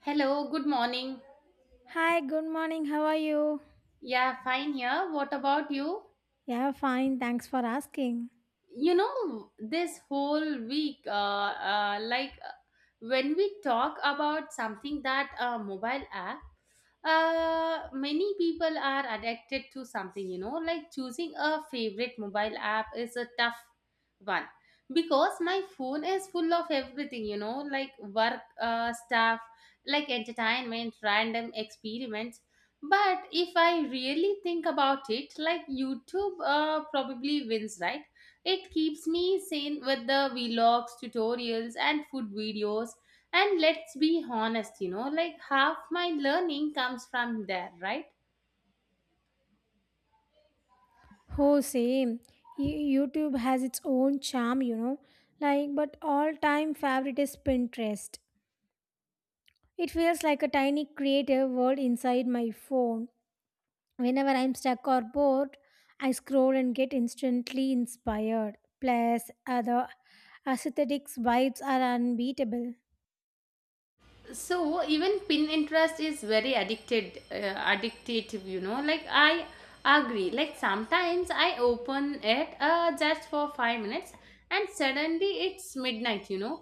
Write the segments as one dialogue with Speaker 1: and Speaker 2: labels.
Speaker 1: Hello, good morning.
Speaker 2: Hi, good morning. How are you?
Speaker 1: Yeah, fine here. What about you?
Speaker 2: Yeah, fine. Thanks for asking.
Speaker 1: You know This whole week uh, like uh, when we talk about something that mobile app, many people are addicted to something, you know, like choosing a favorite mobile app is a tough one, because my phone is full of everything, you know, like work stuff, like entertainment, random experiments. But if I really think about it, like YouTube probably wins, right? It keeps me sane with the vlogs, tutorials, and food videos. And let's be honest, like half my learning comes from there, right?
Speaker 2: Oh, same. YouTube has its own charm, you know. Like, but all time favorite is Pinterest. It feels like a tiny creative world inside my phone. Whenever I'm stuck or bored, I scroll and get instantly inspired. Plus, other aesthetics vibes are unbeatable.
Speaker 1: So even pin interest is very addicted addictive, you know, like I agree, like sometimes I open it just for 5 minutes and suddenly it's midnight, you know.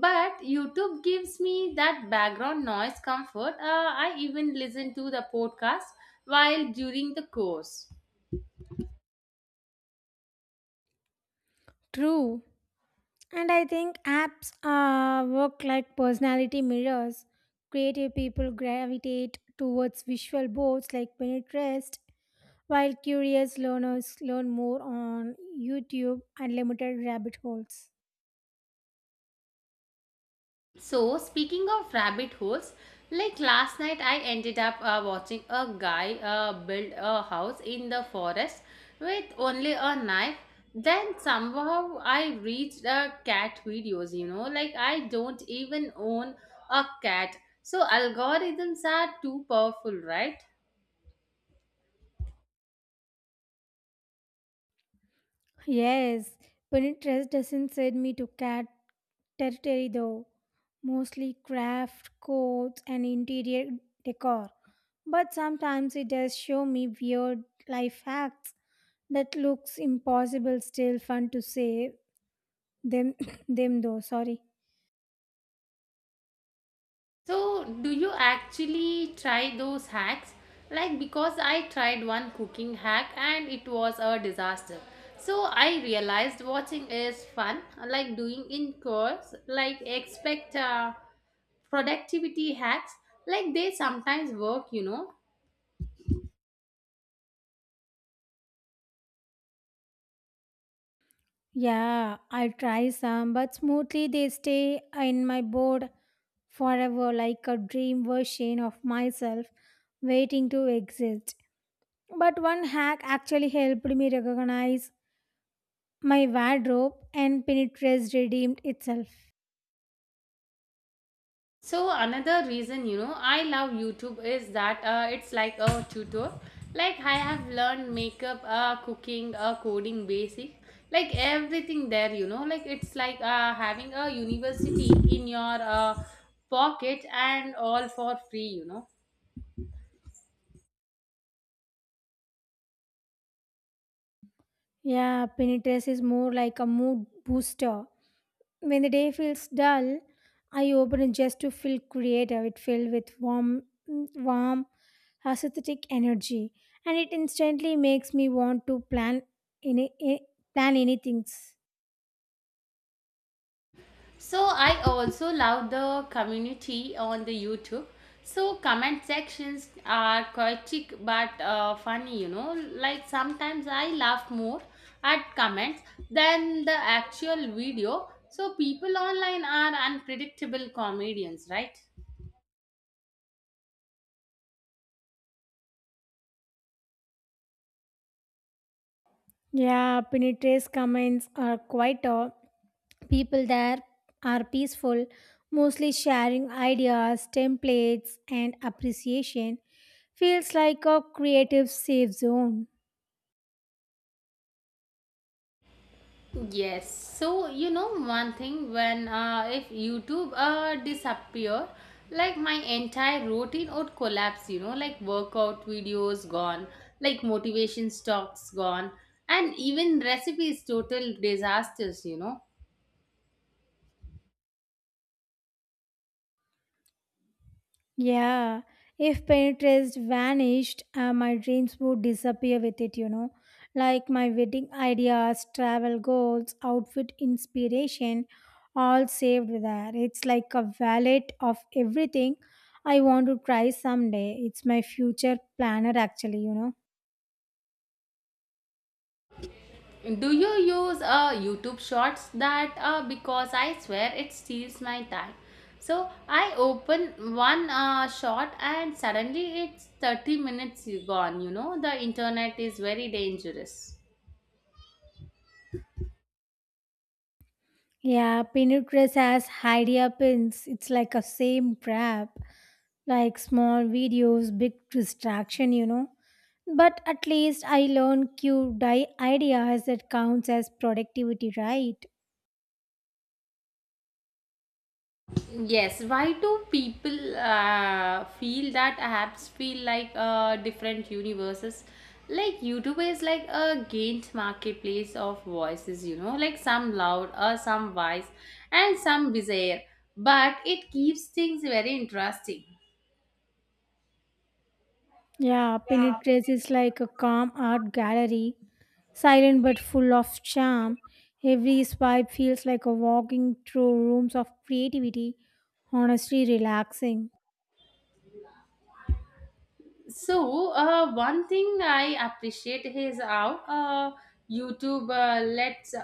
Speaker 1: But YouTube gives me that background noise comfort. I even listen to the podcast while during the course.
Speaker 2: True. And I think apps work like personality mirrors. Creative people gravitate towards visual boards like Pinterest, while curious learners learn more on YouTube and limited rabbit holes.
Speaker 1: So, speaking of rabbit holes, like last night I ended up watching a guy build a house in the forest with only a knife. Then somehow I reached cat videos, you know, like I don't even own a cat. So, algorithms are too powerful, right?
Speaker 2: Yes, Pinterest doesn't send me to cat territory though, mostly craft, codes, and interior decor. But sometimes it does show me weird life hacks that looks impossible, still fun to say them them though, sorry.
Speaker 1: So, do you actually try those hacks? Like, because I tried one cooking hack and it was a disaster. So, I realized watching is fun, like doing in course, like expect productivity hacks, like they sometimes work, you know.
Speaker 2: Yeah, I try some, but smoothly they stay in my board forever like a dream version of myself waiting to exist. But one hack actually helped me recognize my wardrobe and Pinterest redeemed itself.
Speaker 1: So another reason, you know, I love YouTube is that it's like a tutor. Like I have learned makeup, cooking, coding basic, like everything there. You know, like it's like having a university in your pocket, and all for free, you know.
Speaker 2: Yeah, Pinterest is more like a mood booster. When the day feels dull, I open it just to feel creative. It filled with warm, warm, aesthetic energy, and it instantly makes me want to plan any a- plan any things.
Speaker 1: So I also love the community on the YouTube. So comment sections are chaotic but funny, you know. Like sometimes I laugh more at comments than the actual video. So people online are unpredictable comedians, right?
Speaker 2: Yeah, Pinitra's comments are quite. People there are peaceful, mostly sharing ideas, templates, and appreciation. Feels like a creative safe zone.
Speaker 1: Yes. So you know one thing, when if YouTube disappear, like my entire routine would collapse. You know, like workout videos gone, like motivation stocks gone, and even recipes total disasters, you know.
Speaker 2: Yeah, if Pinterest vanished, my dreams would disappear with it. Like my wedding ideas, travel goals, outfit inspiration, all saved there. It's like a wallet of everything I want to try someday. It's my future planner, actually.
Speaker 1: Do you use YouTube Shorts? That because I swear it steals my time. So I open one short and suddenly it's 30 minutes gone. You know, the internet is very dangerous.
Speaker 2: Yeah, Pinterest has idea pins. It's like a same trap, like small videos, big distraction. But at least I learned cute ideas that counts as productivity, right?
Speaker 1: Yes, why do people feel that apps feel like different universes? Like YouTube is like a gained marketplace of voices, you know, like some loud or some wise and some bizarre, but it keeps things very interesting.
Speaker 2: Yeah, Pinterest is like a calm art gallery, silent but full of charm. Every swipe feels like a walking through rooms of creativity, honestly relaxing.
Speaker 1: So, one thing I appreciate is how YouTube lets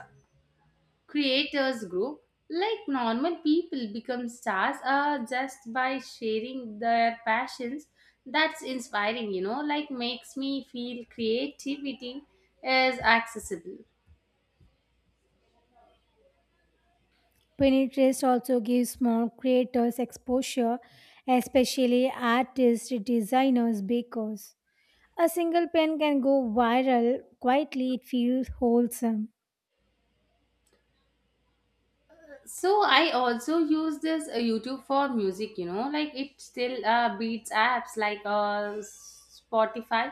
Speaker 1: creators group, like normal people become stars just by sharing their passions. That's inspiring, you know, like makes me feel creativity is accessible.
Speaker 2: Pinterest also gives small creators exposure, especially artists, designers, bakers. A single pen can go viral quietly, it feels wholesome.
Speaker 1: So I also use this YouTube for music, you know, like it still beats apps like Spotify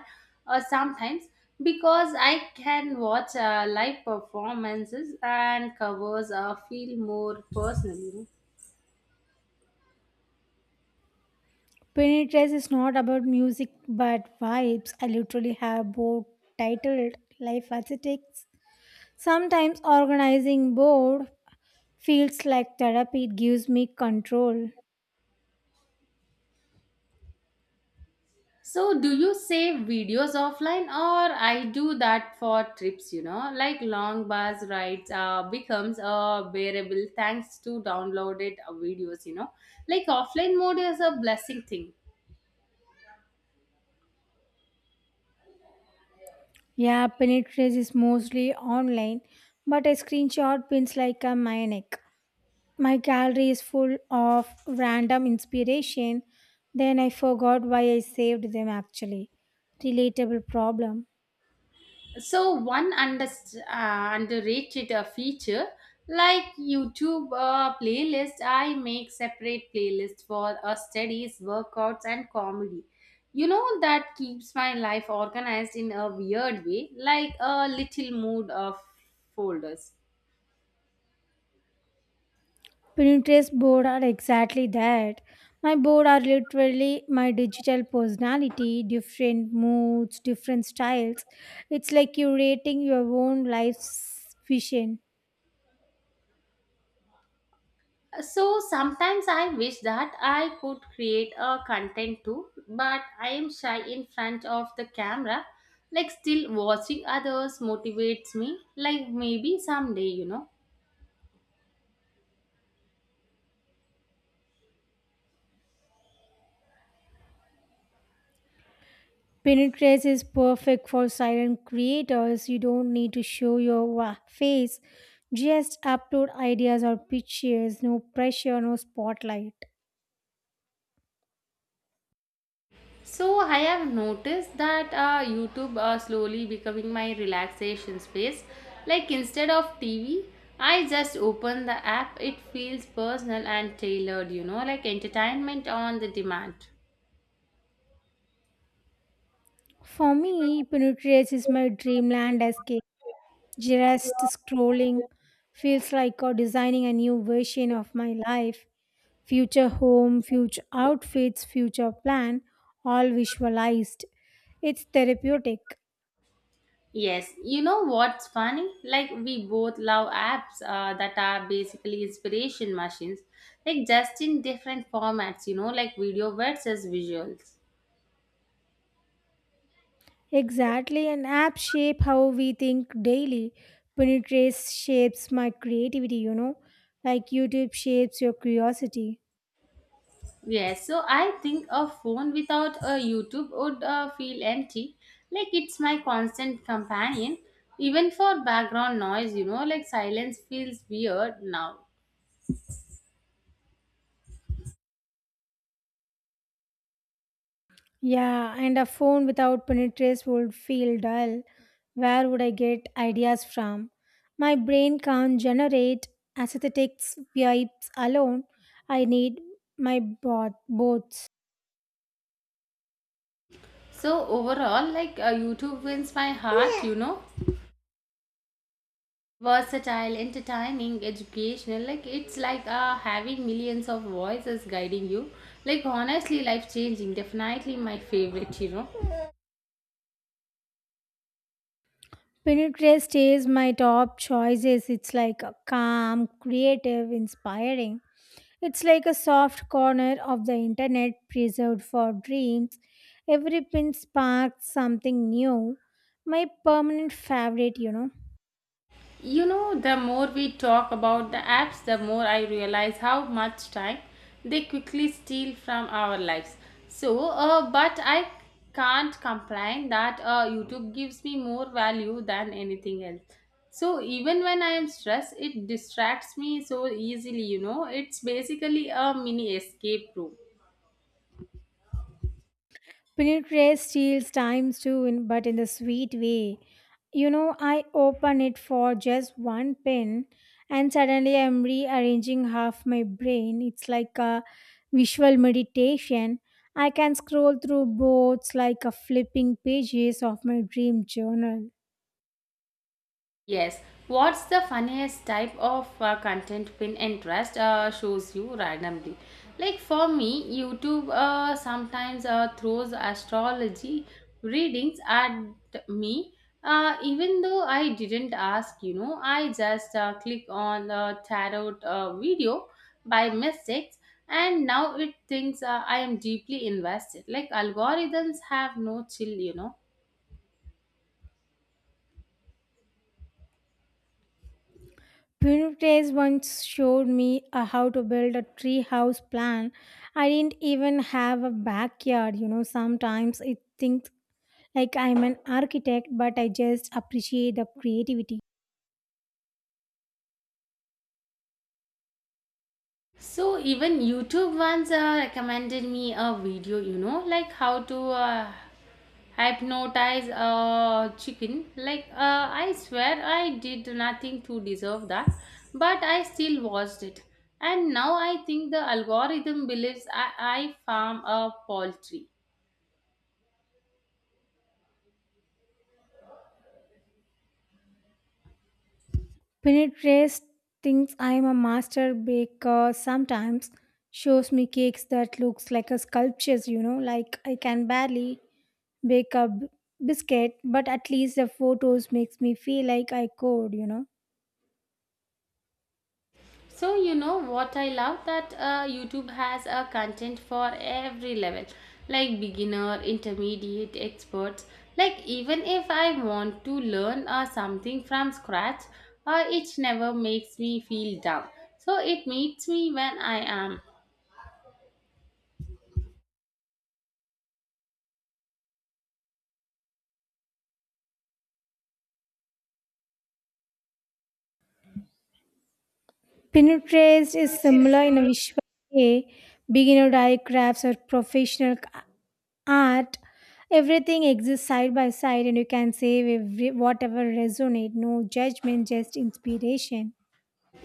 Speaker 1: sometimes, because I can watch live performances, and covers feel more personal, you know.
Speaker 2: Penitence is not about music but vibes. I literally have board titled Life as It Takes. Sometimes organizing board feels like therapy, it gives me control.
Speaker 1: So, do you save videos offline, or I do that for trips? You know, like long bus rides becomes a bearable thanks to downloaded videos, you know, like offline mode is a blessing thing.
Speaker 2: Yeah, Penitence is mostly online, but I screenshot pins like a maniac. My gallery is full of random inspiration, then I forgot why I saved them actually. Relatable problem.
Speaker 1: So one underrated feature, like YouTube playlist, I make separate playlist for studies, workouts, and comedy. You know that keeps my life organized in a weird way, like a little mood of folders.
Speaker 2: Pinterest board are exactly that. My board are literally my digital personality, different moods, different styles. It's like curating your own life's vision.
Speaker 1: So sometimes I wish that I could create a content too, but I am shy in front of the camera. Like still watching others motivates me. Like maybe someday, you know.
Speaker 2: Pinterest is perfect for silent creators. You don't need to show your face. Just upload ideas or pictures. No pressure, no spotlight.
Speaker 1: So I have noticed that YouTube slowly becoming my relaxation space. Like instead of TV, I just open the app. It feels personal and tailored, you know, like entertainment on the demand.
Speaker 2: For me, Pinterest is my dreamland escape. Just scrolling feels like designing a new version of my life. Future home, future outfits, future plan, all visualized. It's therapeutic.
Speaker 1: Yes, you know what's funny? Like, we both love apps that are basically inspiration machines, like just in different formats, you know, like video versus visuals.
Speaker 2: Exactly, an app shape how we think daily. Pinterest shapes my creativity, you know, like YouTube shapes your curiosity.
Speaker 1: Yes, so I think a phone without a YouTube would feel empty. Like, it's my constant companion, even for background noise, you know, like silence feels weird now.
Speaker 2: Yeah, and a phone without penetrates would feel dull. Where would I get ideas from? My brain can't generate aesthetic vibes alone. I need my both.
Speaker 1: So, overall, like, YouTube wins my heart, you know. Versatile, entertaining, educational, like it's like having millions of voices guiding you, like honestly life changing, definitely my favorite, you know.
Speaker 2: Penetrates stays my top choices. It's like a calm, creative, inspiring. It's like a soft corner of the internet preserved for dreams. Every pin sparks something new. My permanent favorite, you know.
Speaker 1: You know, the more we talk about the apps, the more I realize how much time they quickly steal from our lives. So, but I can't complain that YouTube gives me more value than anything else. So, even when I am stressed, it distracts me so easily, you know. It's basically a mini escape room.
Speaker 2: Pinterest steals times too, but in the sweet way. You know, I open it for just one pin and suddenly I'm rearranging half my brain. It's like a visual meditation. I can scroll through boards like a flipping pages of my dream journal.
Speaker 1: Yes. What's the funniest type of content pin interest shows you randomly? Like for me, YouTube sometimes throws astrology readings at me. Even though I didn't ask, you know, I just click on the tarot video by mistakes, and now it thinks I am deeply invested. Like algorithms have no chill, you know.
Speaker 2: Pinterest once showed me how to build a treehouse plan. I didn't even have a backyard. You know, sometimes it think like I'm an architect, but I just appreciate the creativity.
Speaker 1: So even YouTube once recommended me a video, you know, like how to hypnotize a chicken. Like I swear I did nothing to deserve that, but I still watched it. And now I think the algorithm believes I farm a poultry.
Speaker 2: Penetrace thinks I'm a master baker sometimes, shows me cakes that looks like a sculptures, you know, like I can barely bake a b- biscuit, but at least the photos makes me feel like I could, you know.
Speaker 1: So you know what I love, that YouTube has a content for every level, like beginner, intermediate, experts. Like even if I want to learn something from scratch, it never makes me feel down. So it meets me when I am.
Speaker 2: Pinterest is similar in a visual way. Beginner die crafts or professional art, everything exists side by side, and you can save every, whatever resonate, no judgment, just inspiration.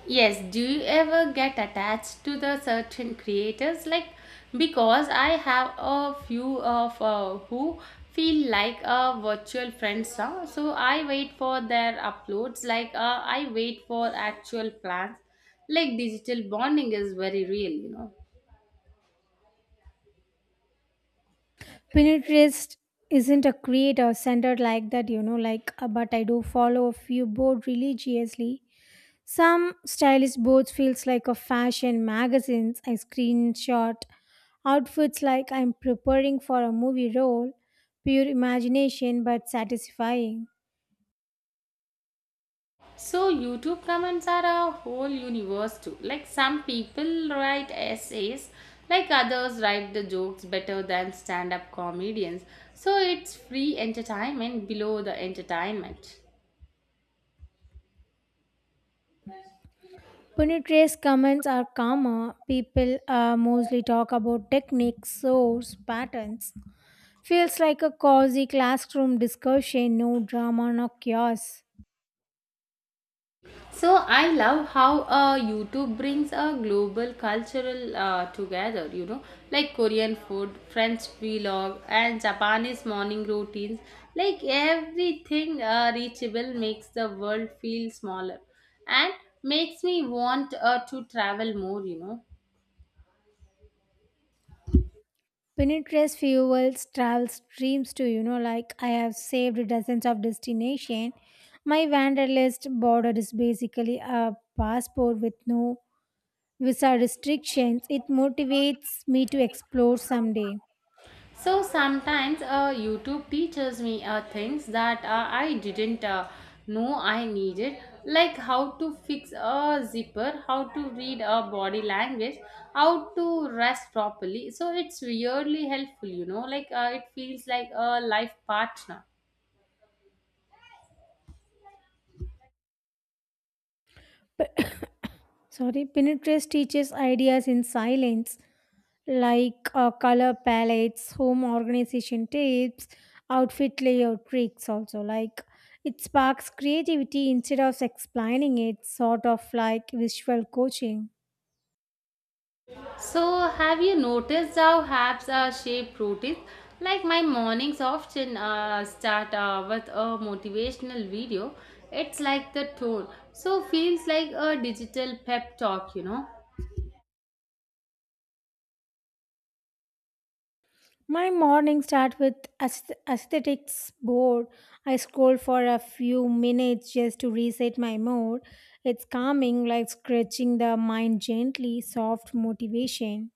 Speaker 1: Yes, do you ever get attached to the certain creators? Like, because I have a few of who feel like a virtual friends now. So I wait for their uploads, like, I wait for actual plans. Like, digital bonding is very real, you know.
Speaker 2: Pinterest isn't a creator centered like that, you know, but I do follow a few board religiously. Some stylish boards feels like a fashion magazines. I screenshot outfits like I'm preparing for a movie role, pure imagination but satisfying.
Speaker 1: So YouTube comments are a whole universe too. Like some people write essays, like others write the jokes better than stand-up comedians. So it's free entertainment below the entertainment.
Speaker 2: Puneet's comments are calmer. People mostly talk about techniques, source, patterns. Feels like a cozy classroom discussion, no drama, no chaos.
Speaker 1: So I love how YouTube brings a global cultural together, you know, like Korean food, French vlog, and Japanese morning routines. Like everything reachable makes the world feel smaller and makes me want to travel more, you know.
Speaker 2: Puneet's fuels travels dreams too, you know, like I have saved dozens of destination. My wanderlust border is basically a passport with no visa restrictions. It motivates me to explore someday.
Speaker 1: So sometimes YouTube teaches me things that I didn't know I needed, like how to fix a zipper, how to read a body language, how to rest properly. So it's weirdly helpful, you know, like it feels like a life partner.
Speaker 2: Sorry. Pinterest teaches ideas in silence, like color palettes, home organization tips, outfit layout tricks. Also, like, it sparks creativity instead of explaining it, sort of like visual coaching.
Speaker 1: So, have you noticed how apps are shaped routines? Like my mornings often start with a motivational video. It's like the tone. So, feels like a digital pep talk, you know.
Speaker 2: My morning start with aesthetics board. I scroll for a few minutes just to reset my mood. It's calming, like scratching the mind gently, soft motivation.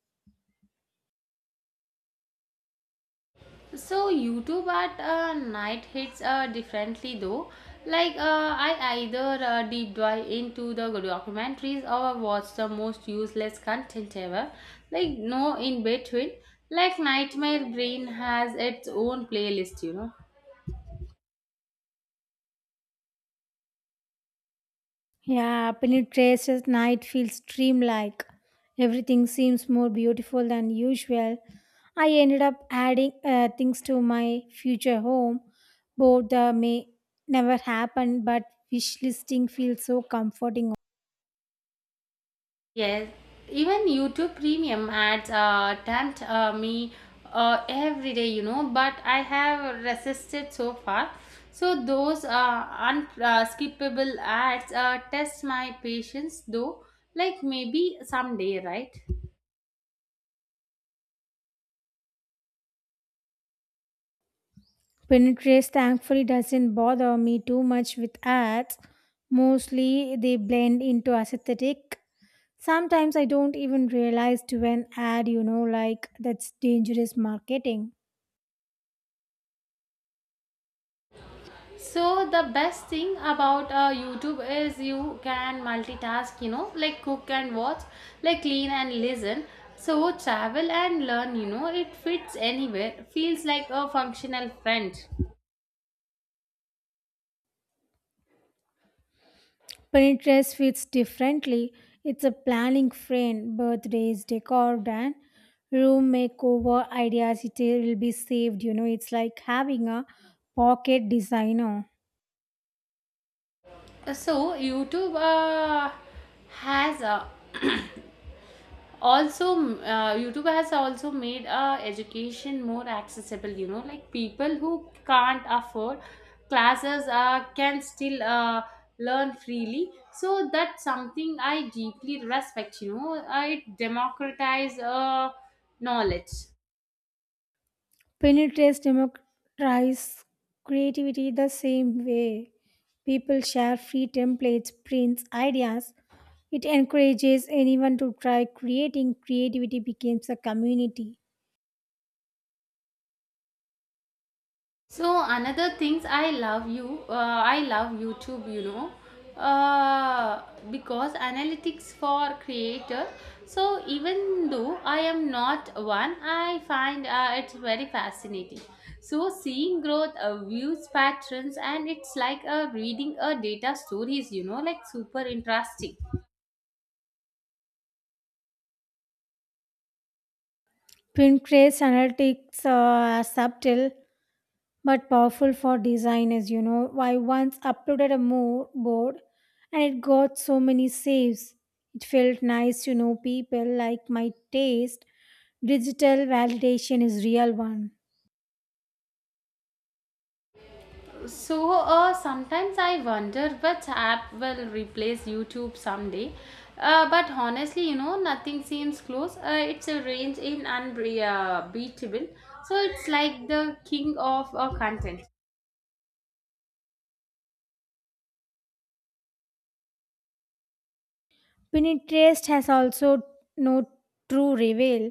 Speaker 1: So YouTube at night hits differently though. Like I either deep dive into the documentaries or watch the most useless content ever. Like no in between. Like Nightmare Brain has its own playlist, you know.
Speaker 2: Yeah, Apple Trace's night feels dreamlike. Everything seems more beautiful than usual. I ended up adding things to my future home, both the may never happen, but wish listing feels so comforting.
Speaker 1: Yes, even YouTube Premium ads tempt me every day, you know, but I have resisted so far. So those unskippable ads test my patience, though. Like maybe someday, right?
Speaker 2: Pinterest thankfully doesn't bother me too much with ads. Mostly they blend into aesthetic. Sometimes I don't even realize to an ad, you know, like that's dangerous marketing.
Speaker 1: So the best thing about YouTube is you can multitask, you know, like cook and watch, like clean and listen. So travel and learn, you know, it fits anywhere. Feels like a functional friend.
Speaker 2: Pinterest fits differently. It's a planning frame, birthdays, decor, and room makeover ideas. It will be saved. You know, it's like having a pocket designer.
Speaker 1: So YouTube has uh, YouTube has also made education more accessible, you know, like people who can't afford classes can still learn freely. So that's something I deeply respect, you know. It democratize knowledge.
Speaker 2: Pinterest democratizes creativity the same way. People share free templates, prints, ideas. It encourages anyone to try creating. Creativity becomes a community.
Speaker 1: So another things I love you, I love YouTube, you know, uh, because analytics for creator. So even though I am not one, I find it's very fascinating. So seeing growth, views, patterns, and it's like reading a data stories, you know, like super interesting.
Speaker 2: Pinterest analytics are subtle but powerful for designers, you know. I once uploaded a board and it got so many saves. It felt nice to know people like my taste. Digital validation is real one.
Speaker 1: So sometimes I wonder which app will replace YouTube someday. But honestly, you know, nothing seems close. It's a range in unbeatable. So it's like the king of content.
Speaker 2: Pinterest has also no true reveal.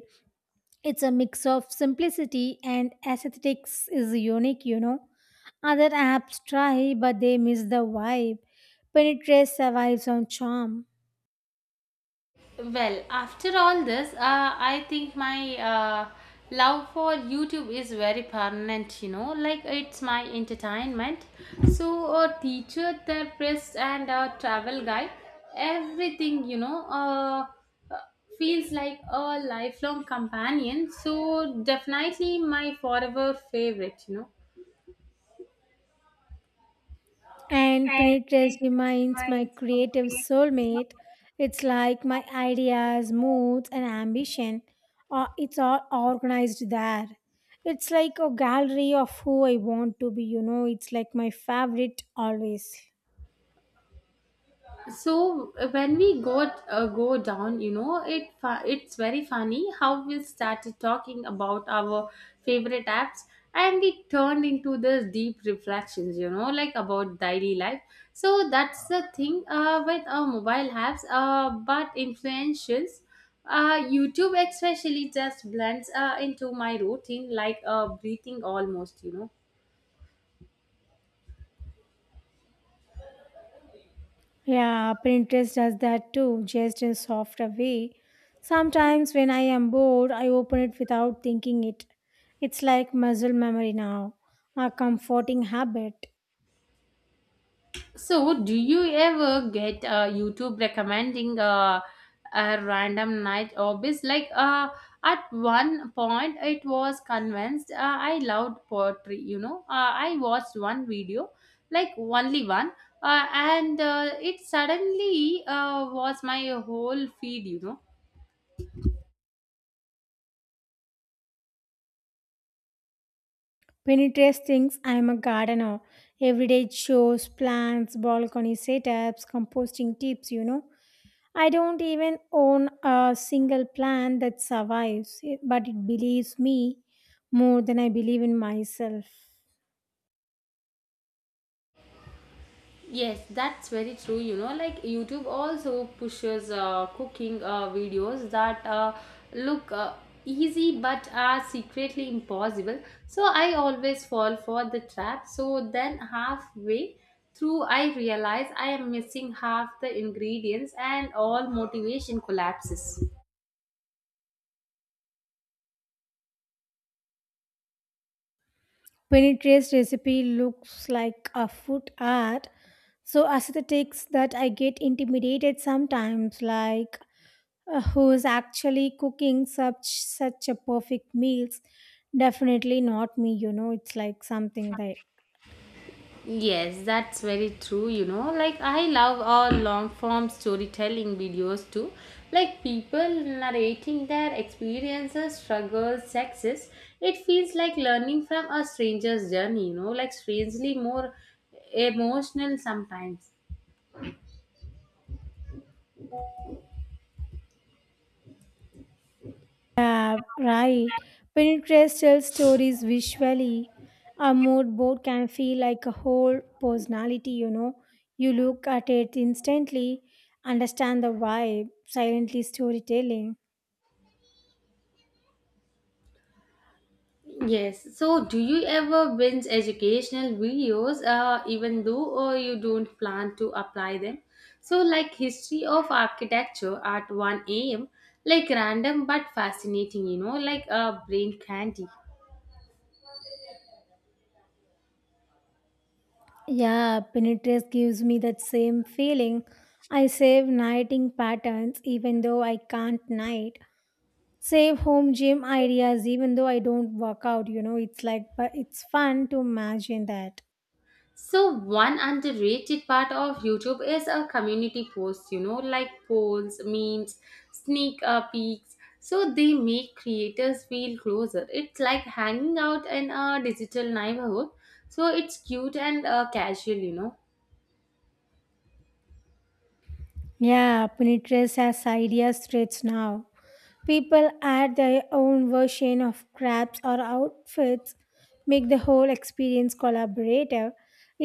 Speaker 2: It's a mix of simplicity and aesthetics, is unique, you know. Other apps try but they miss the vibe. Pinterest survives on charm.
Speaker 1: Well, after all this, I think my love for YouTube is very permanent, you know, like it's my entertainment. So, a teacher, therapist, and a travel guide, everything, you know, uh, feels like a lifelong companion. So, definitely my forever favorite, you know.
Speaker 2: And Pinitress reminds my creative soulmate. It's like my ideas, moods, and ambition. It's all organized there. It's like a gallery of who I want to be, you know. It's like my favorite always.
Speaker 1: So when we go go down, you know, it's very funny how we started talking about our favorite apps, and it turned into this deep reflections, you know, like about daily life. So that's the thing with our mobile apps, but influentials, YouTube especially, just blends into my routine like breathing almost, you know.
Speaker 2: Yeah, Pinterest does that too, just in softer way. Sometimes when I am bored, I open it without thinking it. It's like muscle memory now, a comforting habit.
Speaker 1: So, do you ever get YouTube recommending a random night hobbies? Like at one point, it was convinced I loved poetry. You know, I watched one video, like only one, and it suddenly was my whole feed, you know.
Speaker 2: Pinterest thinks I am a gardener. Every day it shows plants, balcony setups, composting tips, you know. I don't even own a single plant that survives, but it believes me more than I believe in myself.
Speaker 1: Yes, that's very true. You know, like YouTube also pushes cooking videos that look easy but are secretly impossible. So I always fall for the trap. So then halfway through, I realize I am missing half the ingredients and all motivation collapses.
Speaker 2: Pinterest recipe looks like a food art. So aesthetics that I get intimidated sometimes, like who's actually cooking such a perfect meals. Definitely not me, you know, it's like something that.
Speaker 1: Yes, that's very true. You know, like I love all long form storytelling videos too. Like people narrating their experiences, struggles, success. It feels like learning from a stranger's journey, you know, like strangely more emotional sometimes.
Speaker 2: Yeah, right, Pinterest tells stories visually. A mood board can feel like a whole personality, you know. You look at it, instantly understand the vibe, silently storytelling.
Speaker 1: Yes. So, do you ever binge educational videos, even though or you don't plan to apply them? So, like history of architecture at 1 a.m., like random but fascinating, you know, like a brain candy.
Speaker 2: Yeah, Pinterest gives me that same feeling. I save nighting patterns even though I can't night, save home gym ideas even though I don't work out, you know, it's like, but it's fun to imagine that.
Speaker 1: So one underrated part of YouTube is a community posts, you know, like polls, memes, sneak peeks. So they make creators feel closer. It's like hanging out in a digital neighborhood. So it's cute and casual, you know.
Speaker 2: Yeah, Pinterest has ideas threads now. People add their own version of crafts or outfits, make the whole experience collaborative.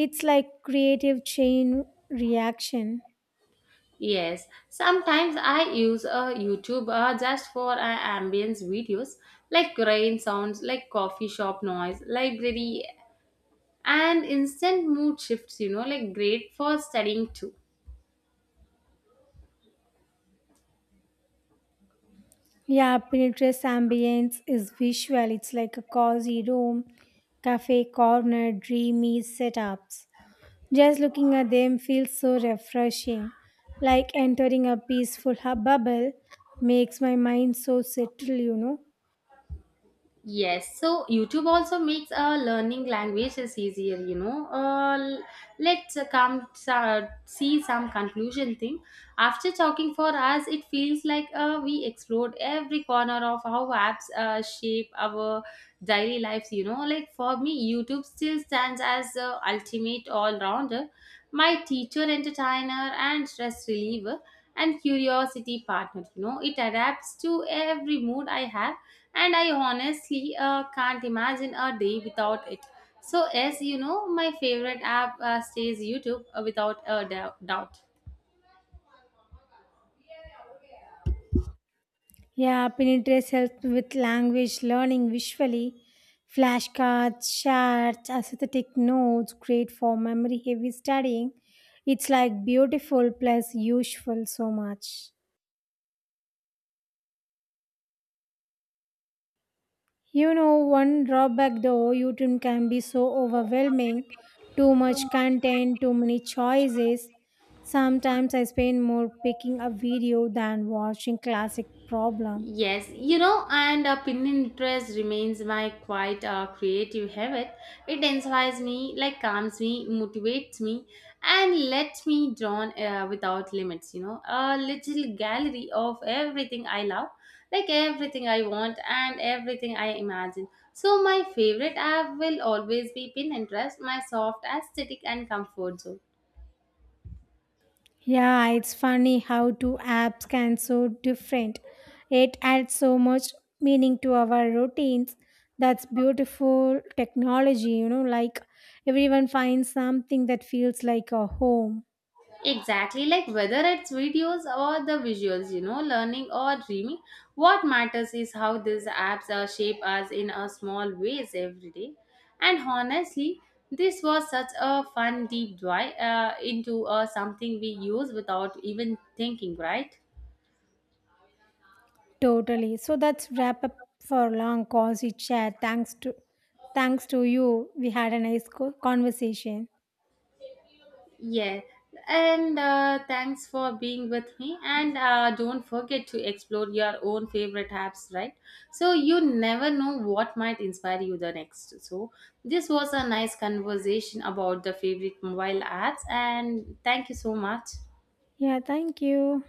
Speaker 2: It's like creative chain reaction.
Speaker 1: Yes, sometimes I use a YouTube just for ambience videos, like rain sounds, like coffee shop noise, library, and instant mood shifts, you know, like great for studying too.
Speaker 2: Yeah, Pinterest ambience is visual. It's like a cozy room, cafe corner, dreamy setups. Just looking at them feels so refreshing, like entering a peaceful hub bubble, makes my mind so settled, you know.
Speaker 1: Yes, so YouTube also makes learning languages easier, you know. L- let's come see some conclusion thing. After talking for us, it feels like we explored every corner of how apps shape our daily lives, you know. Like for me, YouTube still stands as the ultimate all rounder, my teacher, entertainer, and stress reliever, and curiosity partner, you know. It adapts to every mood I have, and I honestly can't imagine a day without it. So yes, you know, my favorite app stays YouTube without a doubt.
Speaker 2: Yeah, Pinterest helps with language learning visually. Flashcards, charts, aesthetic notes, great for memory heavy studying. It's like beautiful plus useful so much. You know, one drawback though, YouTube can be so overwhelming. Too much content, too many choices. Sometimes I spend more picking a video than watching, classic problem.
Speaker 1: Yes, you know, and Pinterest remains my quite creative habit. It inspires me, like calms me, motivates me, and lets me draw without limits. You know, a little gallery of everything I love, like everything I want, and everything I imagine. So my favorite app will always be Pinterest, my soft aesthetic and comfort zone.
Speaker 2: Yeah, it's funny how two apps can so different. It adds so much meaning to our routines. That's beautiful technology, you know, like everyone finds something that feels like a home.
Speaker 1: Exactly, like whether it's videos or the visuals, you know, learning or dreaming, what matters is how these apps shape us in a small ways every day. And honestly, this was such a fun deep dive into something we use without even thinking, right?
Speaker 2: Totally. So that's wrap up for long cozy chat. Thanks to you. We had a nice conversation.
Speaker 1: Yeah, and thanks for being with me. And don't forget to explore your own favorite apps, right? So you never know what might inspire you the next. So this was a nice conversation about the favorite mobile apps, and thank you so much.
Speaker 2: Yeah, thank you.